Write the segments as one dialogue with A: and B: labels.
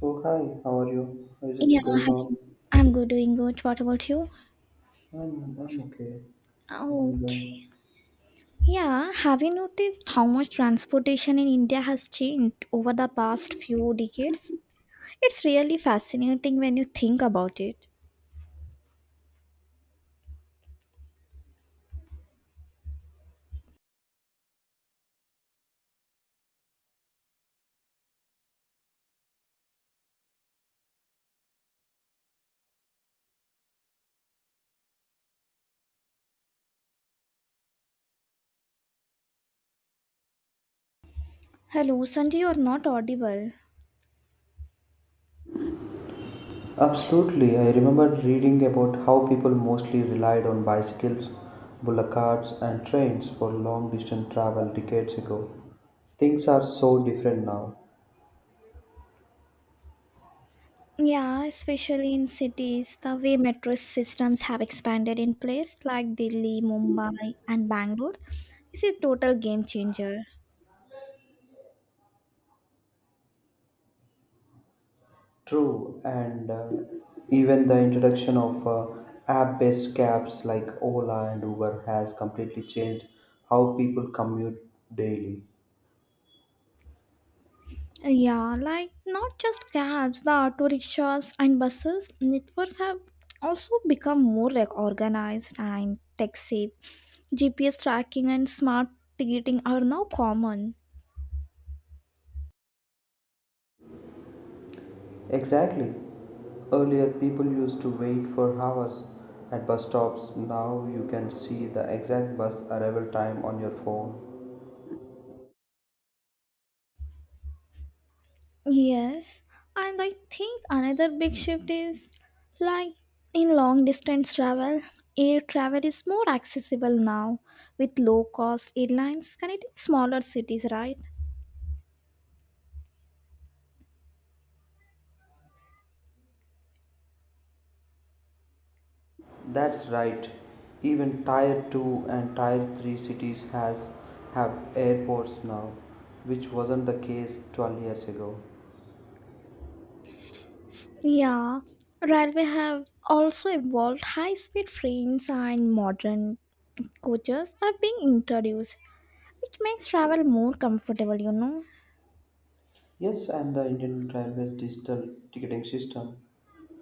A: So hi, how are you? How is
B: Yeah,
A: it going on?
B: hello. I'm good, doing good. What about you?
A: I'm okay.
B: Oh,
A: And, uh,
B: yeah. Have you noticed how much transportation in India has changed over the past few decades? It's really fascinating when you think about it. Hello, Sanjay, you're not audible.
A: Absolutely, I remember reading about how people mostly relied on bicycles, bullock carts, and trains for long distance travel decades ago. Things are so different now.
B: Yeah, especially in cities, the way metro systems have expanded in places like Delhi, Mumbai, and Bangalore is a total game changer.
A: True, and even the introduction of app-based cabs like Ola and Uber has completely changed how people commute daily.
B: Yeah, like not just cabs, the auto rickshaws and buses networks have also become more like organized and tech safe. GPS tracking and smart ticketing are now common.
A: Exactly. Earlier, people used to wait for hours at bus stops. Now you can see the exact bus arrival time on your phone.
B: Yes, and I think another big shift is like in long distance travel, air travel is more accessible now with low cost airlines connecting smaller cities, right?
A: That's right. Even Tier 2 and Tier 3 cities has have airports now, which wasn't the case 12 years ago.
B: Yeah, railway have also evolved high-speed trains and modern coaches are being introduced, which makes travel more comfortable, you know.
A: Yes, and the Indian Railways digital ticketing system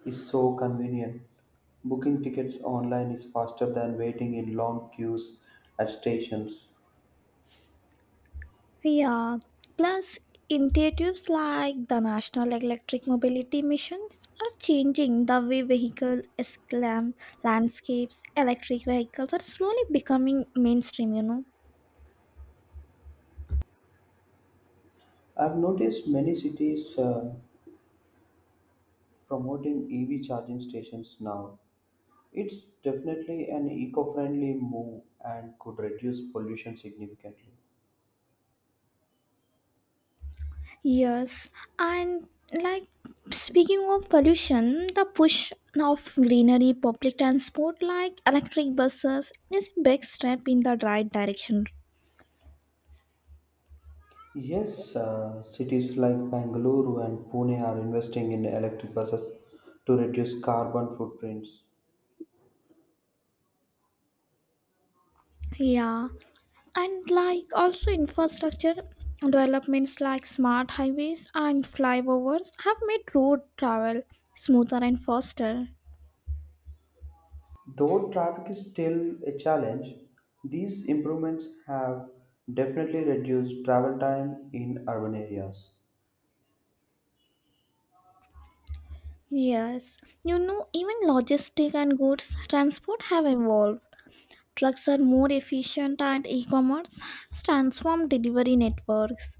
A: is so convenient. Booking tickets online is faster than waiting in long queues at stations.
B: Yeah, plus initiatives like the National Electric Mobility Missions are changing the way landscapes. Electric vehicles are slowly becoming mainstream, you know.
A: I've noticed many cities promoting EV charging stations now. It's definitely an eco friendly move and could reduce pollution significantly.
B: Yes, and like speaking of pollution, the push of greenery, public transport like electric buses is a big step in the right direction.
A: Yes, cities like Bangalore and Pune are investing in electric buses to reduce carbon footprints.
B: Yeah, and like also infrastructure developments like smart highways and flyovers have made road travel smoother and faster.
A: Though traffic is still a challenge, these improvements have definitely reduced travel time in urban areas.
B: Yes, you know, even logistic and goods transport have evolved. Trucks are more efficient and e-commerce has transformed delivery networks.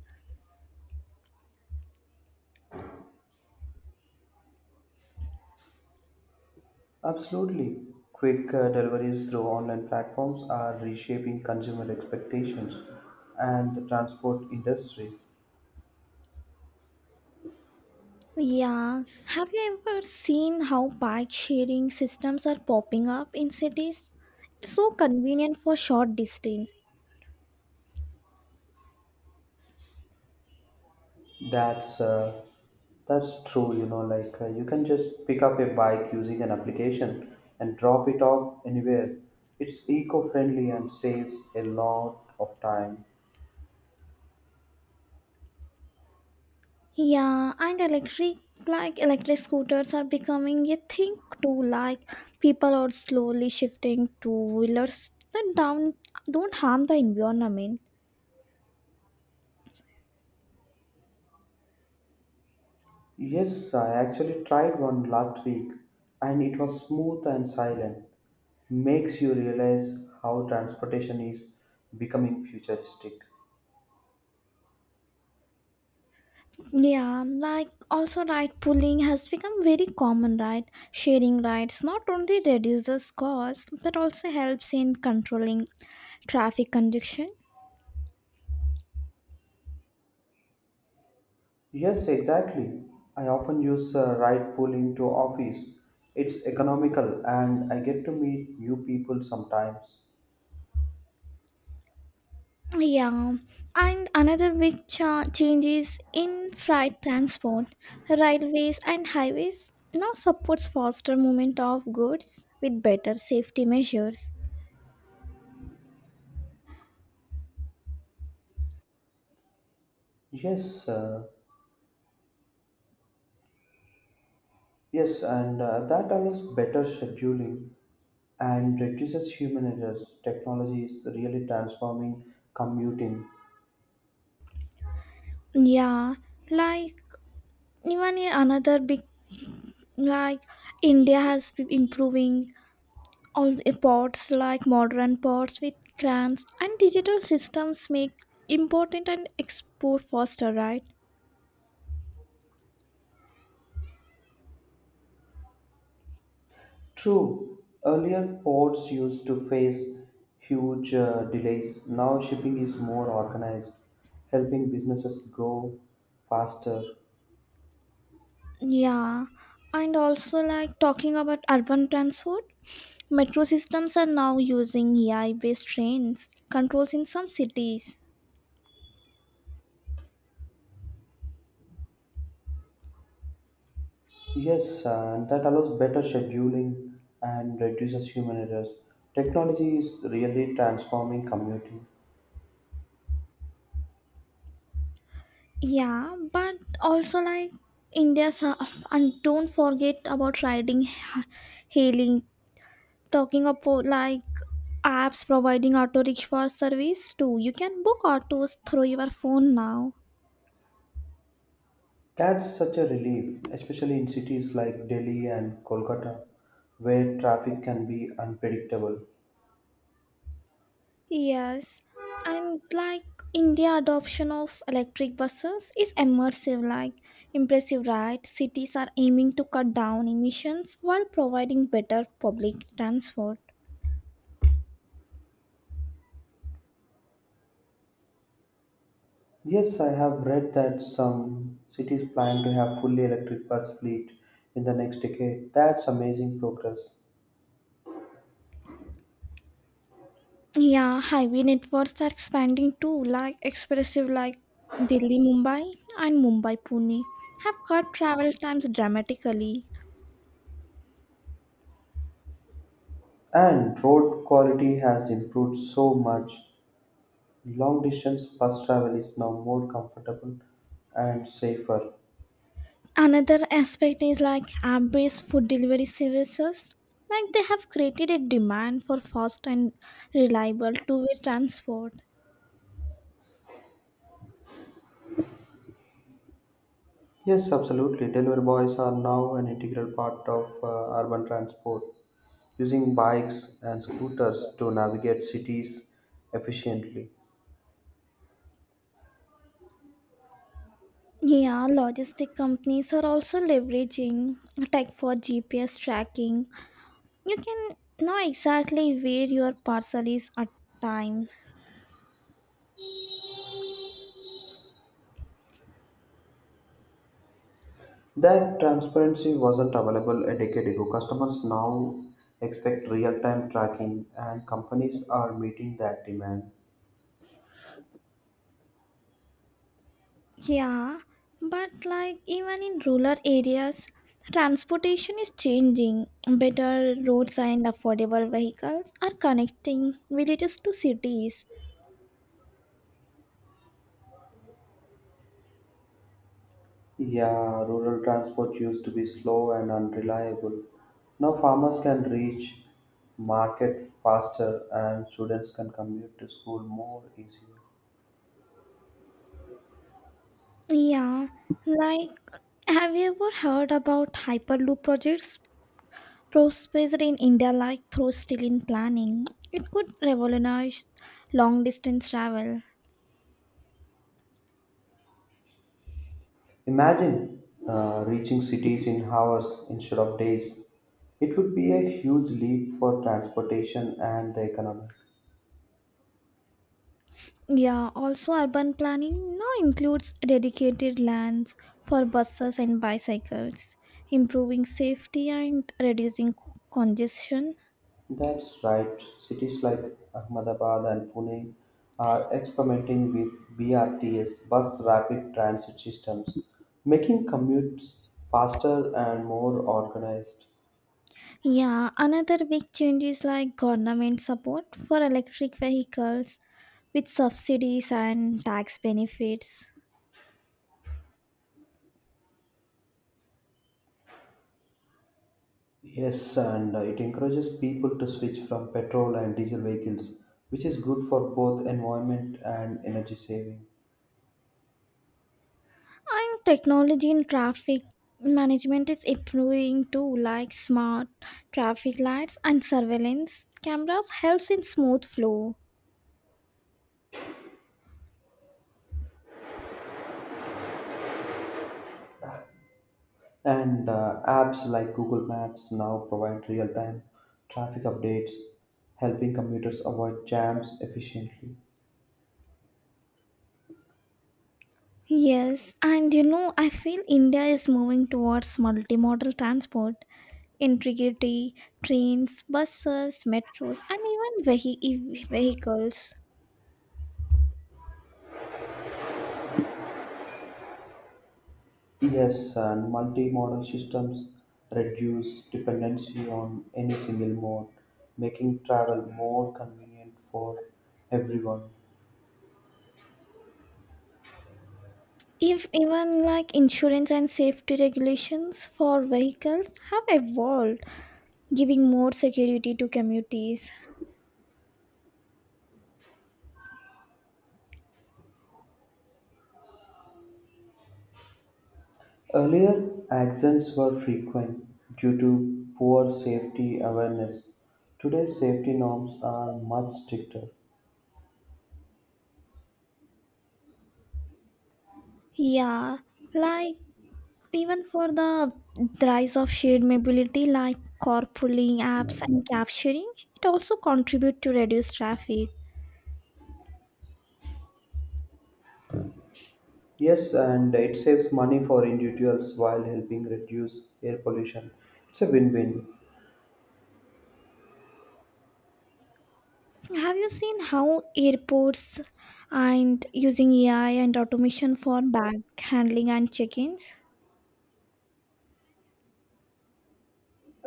A: Absolutely. Quick deliveries through online platforms are reshaping consumer expectations and the transport industry.
B: Yeah, have you ever seen how bike sharing systems are popping up in cities? It's so convenient for short distance.
A: That's uh, that's true, you know, like you can just pick up a bike using an application and drop it off anywhere. It's eco-friendly and saves a lot of time.
B: Yeah, and electric scooters are becoming a thing too. Like people are slowly shifting to wheelers that down don't harm the environment.
A: Yes, I actually tried one last week and it was smooth and silent. Makes you realize how transportation is becoming futuristic.
B: Yeah, like also ride pooling has become very common, right? Sharing rides not only reduces costs but also helps in controlling traffic congestion.
A: Yes, exactly. I often use ride pooling to office. It's economical and I get to meet new people sometimes.
B: Yeah, and another big change is in freight transport. Railways and highways now supports faster movement of goods with better safety measures.
A: Yes, yes, and That allows better scheduling and reduces human errors. Technology is really transforming commuting.
B: Yeah, like even another big, like India has been improving all the pods, like modern pods with crans and digital systems make important and export faster, right?
A: True, earlier ports used to face huge delays. Now shipping is more organized, helping businesses grow faster.
B: Yeah, and also like talking about urban transport, metro systems are now using AI based trains controls in some cities.
A: Yes, and that allows better scheduling and reduces human errors. Technology is really transforming commuting.
B: Yeah, but also like india's and don't forget about hailing. Talking about like apps providing auto rickshaw service too, you can book autos through your phone now.
A: That's such a relief, especially in cities like Delhi and Kolkata, where traffic can be unpredictable.
B: Yes, and like India adoption of electric buses is immersive like impressive, right? Cities are aiming to cut down emissions while providing better public transport.
A: Yes, I have read that some cities plan to have fully electric bus fleet in the next decade. That's amazing progress.
B: Yeah, highway networks are expanding too, like expressive, like Delhi Mumbai and Mumbai Pune have cut travel times dramatically.
A: And road quality has improved so much. Long distance bus travel is now more comfortable and safer.
B: Another aspect is like app-based food delivery services, like they have created a demand for fast and reliable two-way transport.
A: Yes, absolutely. Delivery boys are now an integral part of urban transport, using bikes and scooters to navigate cities efficiently.
B: Yeah, logistic companies are also leveraging tech for GPS tracking. You can know exactly where your parcel is at time.
A: That transparency wasn't available a decade ago. Customers now expect real time tracking, and companies are meeting that demand.
B: Yeah, but like even in rural areas, transportation is changing. Better roads and affordable vehicles are connecting villages to cities.
A: Yeah, rural transport used to be slow and unreliable. Now farmers can reach market faster and students can commute to school more easily.
B: Yeah, like have you ever heard about Hyperloop projects? Prospected in India, like through still in planning, it could revolutionize long distance travel.
A: Imagine reaching cities in hours instead of days. It would be a huge leap for transportation and the economy.
B: Yeah, also urban planning now includes dedicated lands for buses and bicycles, improving safety and reducing congestion.
A: That's right. Cities like Ahmedabad and Pune are experimenting with BRTS bus rapid transit systems, making commutes faster and more organized.
B: Yeah, another big change is like government support for electric vehicles with subsidies and tax benefits.
A: Yes, and it encourages people to switch from petrol and diesel vehicles, which is good for both environment and energy saving.
B: And technology in traffic management is improving too, like smart traffic lights and surveillance cameras helps in smooth flow.
A: And Apps like Google Maps now provide real time traffic updates, helping commuters avoid jams efficiently.
B: Yes, and you know, I feel India is moving towards multimodal transport, integrity, trains, buses, metros, and even vehicles.
A: Yes, and multi-modal systems reduce dependency on any single mode, making travel more convenient for everyone.
B: If even like insurance and safety regulations for vehicles have evolved, giving more security to commuters.
A: Earlier, accidents were frequent due to poor safety awareness. Today, safety norms are much stricter.
B: Yeah, like even for the rise of shared mobility like carpooling apps and cab sharing, it also contribute to reduce traffic.
A: Yes, and it saves money for individuals while helping reduce air pollution. It's a win-win.
B: Have you seen how airports and using AI and automation for bag handling and check-ins?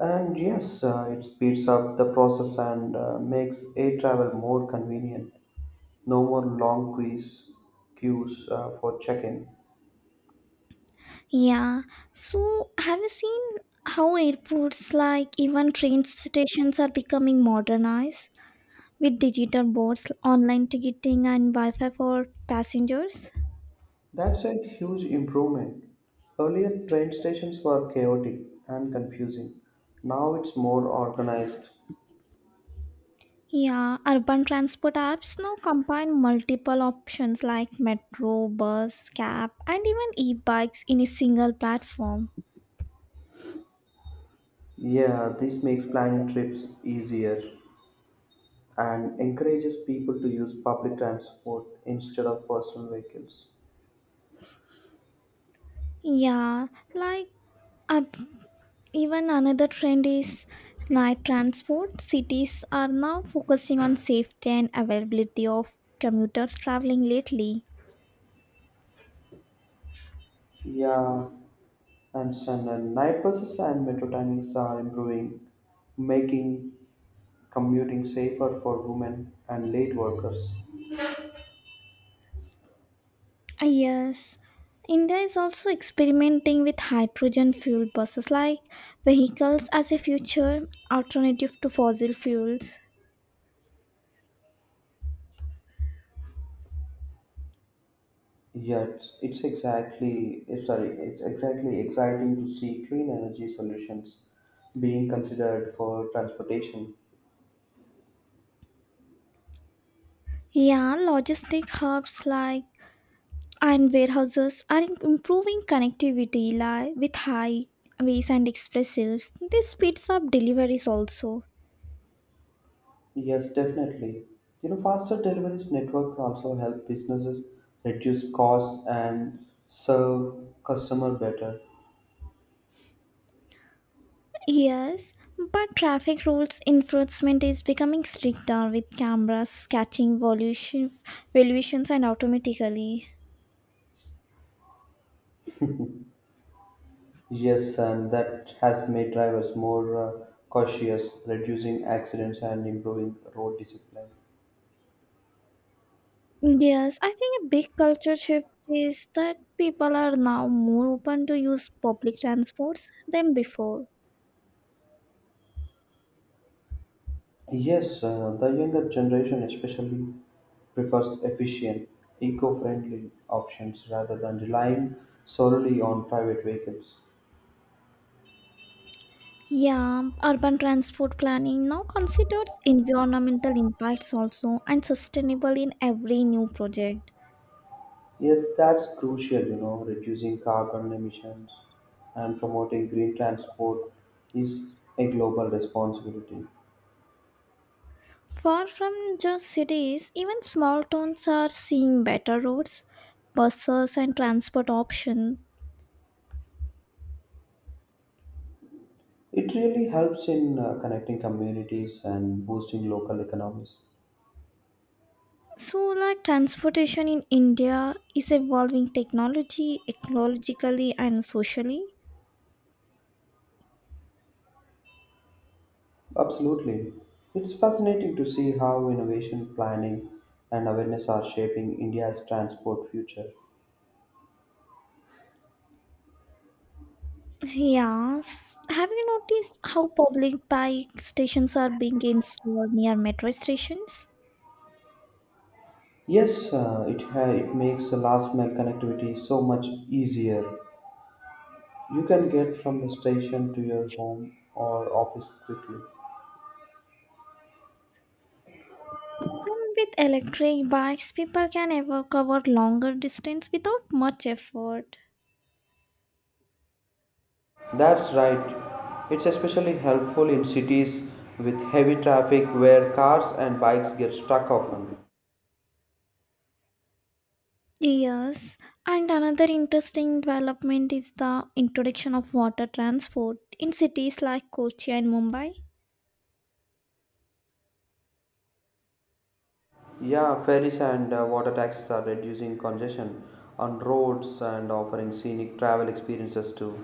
A: It speeds up the process and makes air travel more convenient. No more long queues for check-in.
B: Yeah. So have you seen how airports like even train stations are becoming modernized with digital boards, online ticketing and Wi-Fi for passengers?
A: That's a huge improvement. Earlier, train stations were chaotic and confusing. Now it's more organized.
B: Yeah, urban transport apps now combine multiple options like metro, bus, cab, and even e-bikes in a single platform.
A: Yeah, this makes planning trips easier and encourages people to use public transport instead of personal vehicles.
B: Yeah, like uh, even another trend is night transport. Cities are now focusing on safety and availability of commuters traveling lately.
A: Yeah, and night buses and metro timings are improving making commuting safer for women and late workers.
B: Ah, yes, India is also experimenting with hydrogen fuel buses like vehicles as a future alternative to fossil fuels.
A: Yeah, it's exactly exciting to see clean energy solutions being considered for transportation.
B: Yeah, logistic hubs like and warehouses are improving connectivity with highways and expressives. This speeds up deliveries also.
A: Yes, definitely. You know, faster deliveries networks also help businesses reduce costs and serve customer better.
B: Yes, but traffic rules enforcement is becoming stricter with cameras catching valuations and automatically.
A: Yes, and that has made drivers more cautious, reducing accidents and improving road discipline.
B: Yes, I think a big culture shift is that people are now more open to use public transports than before.
A: Yes, the younger generation especially prefers efficient, eco-friendly options rather than relying solely on private vehicles.
B: Yeah, urban transport planning now considers environmental impacts also and sustainable in every new project.
A: Yes, that's crucial, you know, reducing carbon emissions and promoting green transport is a global responsibility.
B: Far from just cities, even small towns are seeing better roads, buses, and transport options.
A: It really helps in connecting communities and boosting local economies.
B: So, like transportation in India is evolving technology, ecologically, and socially.
A: Absolutely. It's fascinating to see how innovation planning and awareness are shaping India's transport future.
B: Yes. Have you noticed how public bike stations are being installed near metro stations?
A: It makes the last mile connectivity so much easier. You can get from the station to your home or office quickly.
B: And with electric bikes, people can ever cover longer distance without much effort.
A: That's right. It's especially helpful in cities with heavy traffic where cars and bikes get stuck often.
B: Yes, and another interesting development is the introduction of water transport in cities like Kochi and Mumbai.
A: Yeah, ferries and water taxis are reducing congestion on roads and offering scenic travel experiences too.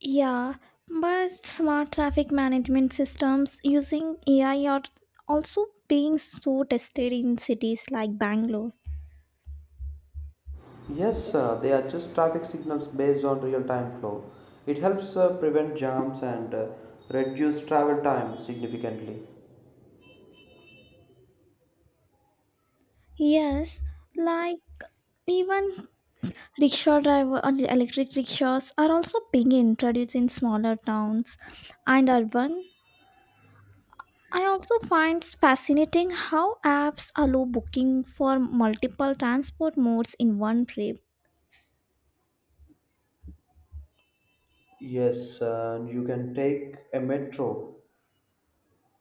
B: Yeah, but smart traffic management systems using AI are also being so tested in cities like Bangalore.
A: Yes, they are just traffic signals based on real time flow. It helps prevent jams and reduce travel time significantly.
B: Yes, like even Rickshaw driver and electric rickshaws are also being introduced in smaller towns and urban. I also find fascinating how apps allow booking for multiple transport modes in one trip.
A: Yes, and you can take a metro,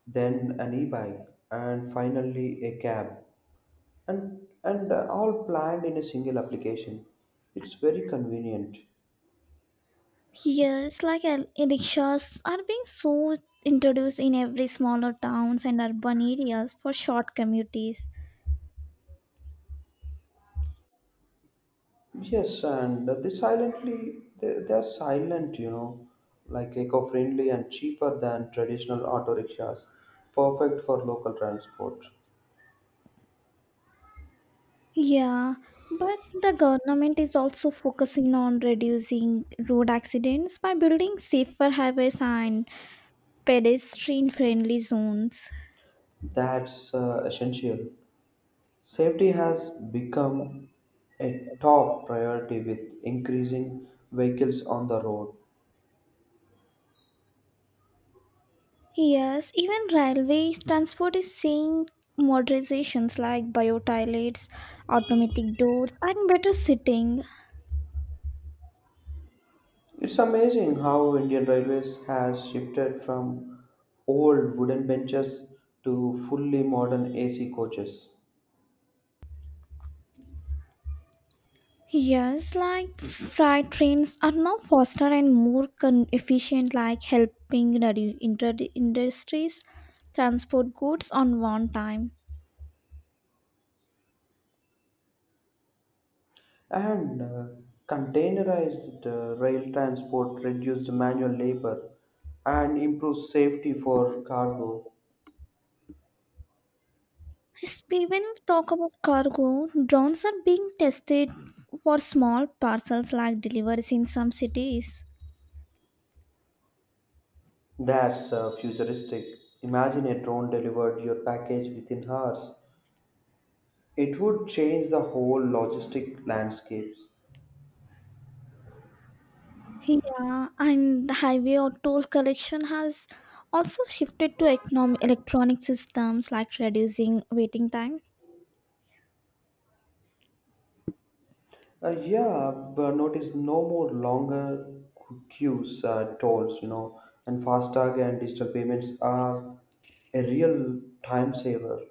A: then an e-bike, and finally a cab, and all planned in a single application. It's very convenient.
B: Here, it's like rickshaws are being so introduced in every smaller towns and urban areas for short commutes.
A: Yes, and they are silent, you know, like eco-friendly and cheaper than traditional auto rickshaws, perfect for local transport.
B: Yeah, but the government is also focusing on reducing road accidents by building safer highways and pedestrian-friendly zones.
A: That's Essential. Safety has become a top priority with increasing vehicles on the road.
B: Yes, even railway transport is seeing modernizations like bio automatic doors, and better sitting.
A: It's amazing how Indian Railways has shifted from old wooden benches to fully modern AC coaches.
B: Yes, like freight trains are now faster and more efficient, like helping industries transport goods on one time.
A: And Containerized rail transport reduced manual labor and improved safety for cargo.
B: When we talk about cargo, drones are being tested for small parcels like deliveries in some cities.
A: That's Futuristic. Imagine a drone delivered your package within hours. It would change the whole logistic landscapes.
B: Yeah, and the highway or toll collection has also shifted to economic electronic systems like reducing waiting time.
A: Yeah, but notice no more longer queues, tolls, you know, and FASTag and digital payments are a real time saver.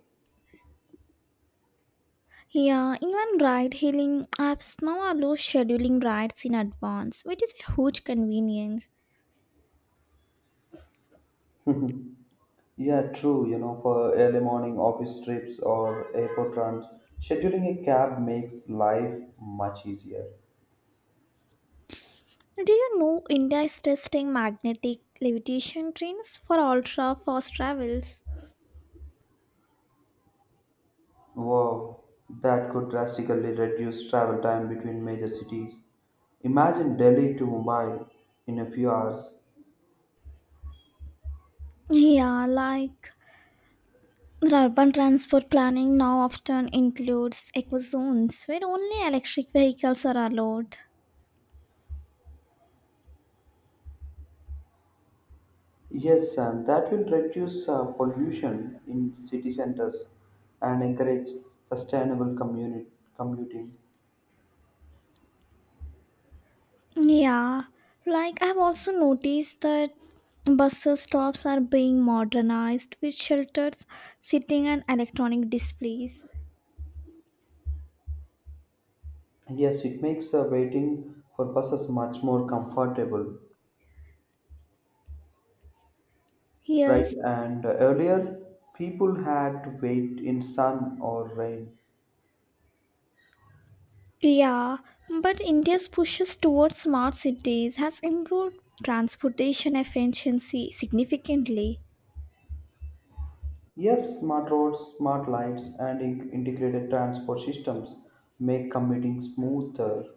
B: Yeah, even ride hailing apps now allow scheduling rides in advance, which is a huge convenience.
A: Yeah, true. You know, for early morning office trips or airport runs, scheduling a cab makes life much easier.
B: Did you know India is testing magnetic levitation trains for ultra fast travels?
A: Wow, that could drastically reduce travel time between major cities. Imagine Delhi to Mumbai in a few hours.
B: Yeah, like urban transport planning now often includes eco zones where only electric vehicles are allowed.
A: Yes, and that will reduce pollution in city centers and encourage sustainable commuting.
B: Yeah, like I've also noticed that bus stops are being modernized with shelters, seating, and electronic displays.
A: Yes, it makes waiting for buses much more comfortable right?
B: Yes,
A: And earlier, people had to wait in sun or rain.
B: yeah, but India's pushes towards smart cities has improved transportation efficiency significantly.
A: Yes, smart roads, smart lights, and integrated transport systems make commuting smoother.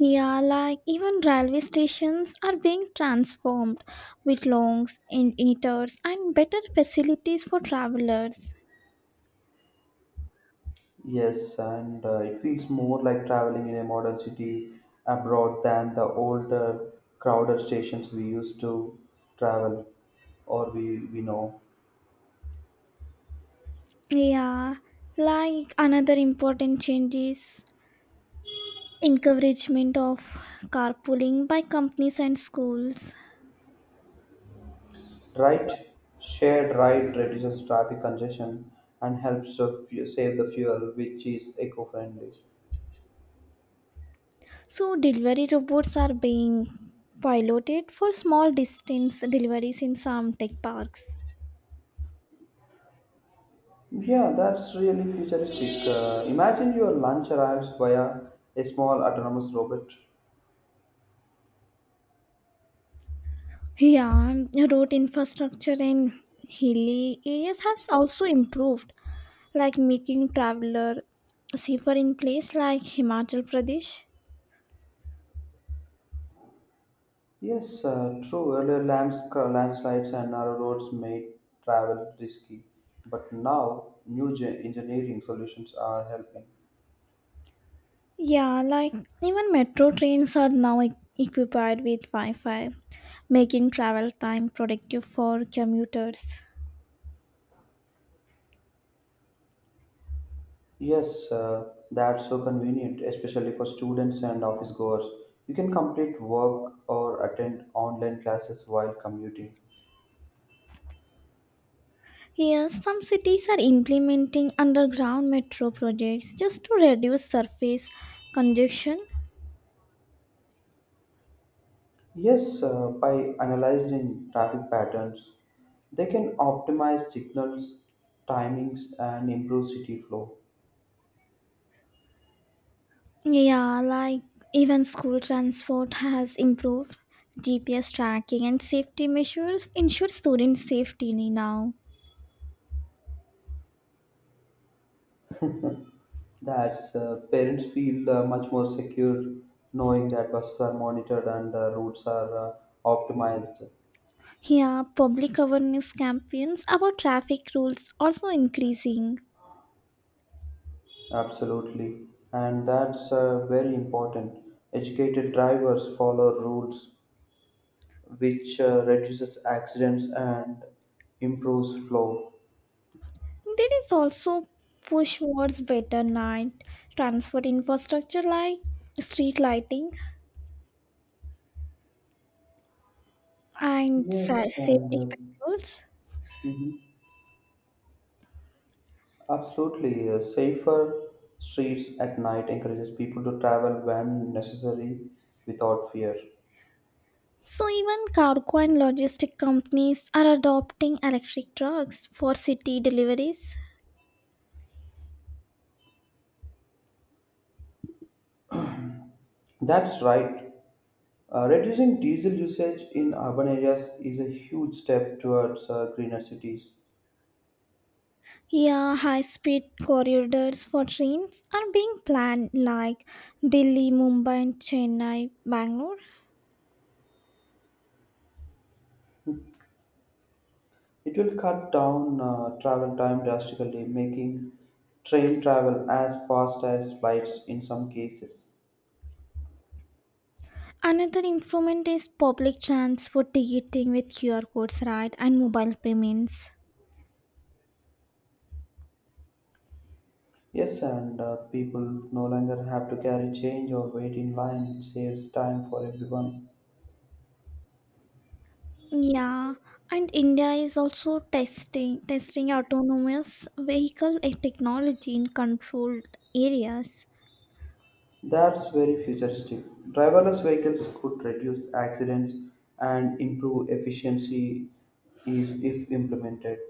B: Yeah, like even railway stations are being transformed with longs and eaters and better facilities for travelers.
A: Yes, and it feels more like traveling in a modern city abroad than the older, crowded stations we used to travel or we know.
B: Yeah, like another important change is encouragement of carpooling by companies and schools.
A: Right? Shared ride reduces traffic congestion and helps to save the fuel, which is eco friendly.
B: So delivery robots are being piloted for small distance deliveries in some tech parks.
A: Yeah, that's really futuristic. Imagine your lunch arrives via a small autonomous robot.
B: Yeah, road infrastructure in hilly areas has also improved, like making traveler safer in place like Himachal Pradesh.
A: Yes, true. Earlier, landslides and narrow roads made travel risky, but now new engineering solutions are helping.
B: Yeah, like even metro trains are now equipped with Wi Fi, making travel time productive for commuters.
A: Yes, that's so convenient, especially for students and office goers. You can complete work or attend online classes while commuting.
B: Yes, some cities are implementing underground metro projects just to reduce surface congestion.
A: Yes, by analyzing traffic patterns, they can optimize signals, timings, and improve city flow.
B: Yeah, like even school transport has improved. GPS tracking and safety measures ensure student safety now.
A: That's Parents feel much more secure knowing that buses are monitored and routes are optimized.
B: Here, public awareness campaigns about traffic rules also increasing.
A: Absolutely, and that's very important. Educated drivers follow rules, which reduces accidents and improves flow.
B: There is also push towards better night transport infrastructure like street lighting and
A: Yes, and
B: safety patrols.
A: mhm. Absolutely, safer streets at night encourages people to travel when necessary without fear.
B: So even cargo and logistic companies are adopting electric trucks for city deliveries.
A: That's right. Reducing diesel usage in urban areas is a huge step towards greener cities.
B: Yeah, high-speed corridors for trains are being planned like Delhi, Mumbai, and Chennai, Bangalore.
A: It will cut down travel time drastically, making train travel as fast as flights in some cases.
B: Another improvement is public transport ticketing with QR codes, right, and mobile payments.
A: Yes, and people no longer have to carry change or wait in line. It saves time for everyone.
B: Yeah, and India is also testing autonomous vehicle technology in controlled areas.
A: That's very futuristic. Driverless vehicles could reduce accidents and improve efficiency is if implemented.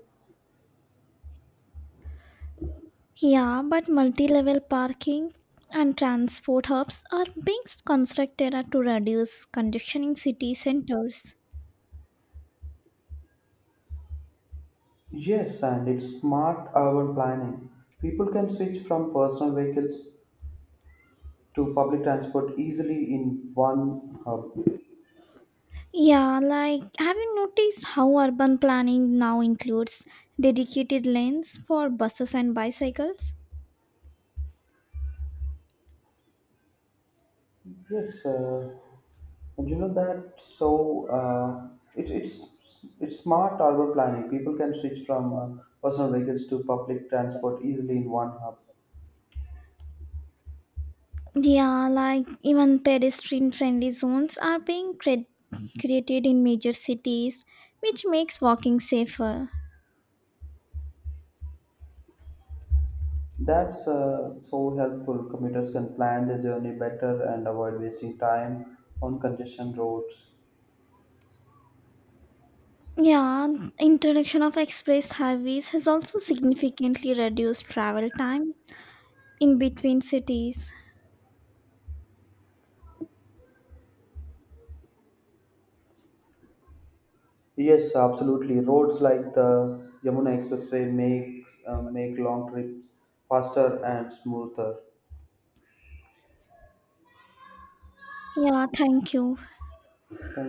B: Yeah, but multi-level parking and transport hubs are being constructed to reduce congestion in city centers.
A: Yes, and it's smart urban planning. People can switch from personal vehicles to public transport easily in one hub.
B: Yeah, like have you noticed how urban planning now includes dedicated lanes for buses and bicycles?
A: Yes, and you know that. So It's smart urban planning. People can switch from personal vehicles to public transport easily in one hub.
B: Yeah, like even pedestrian friendly zones are being created in major cities, which makes walking safer.
A: That's So helpful. Commuters can plan their journey better and avoid wasting time on congestion roads.
B: Yeah, introduction of express highways has also significantly reduced travel time in between cities.
A: Yes, absolutely. Roads like the Yamuna Expressway make long trips faster and smoother.
B: Yeah, thank you.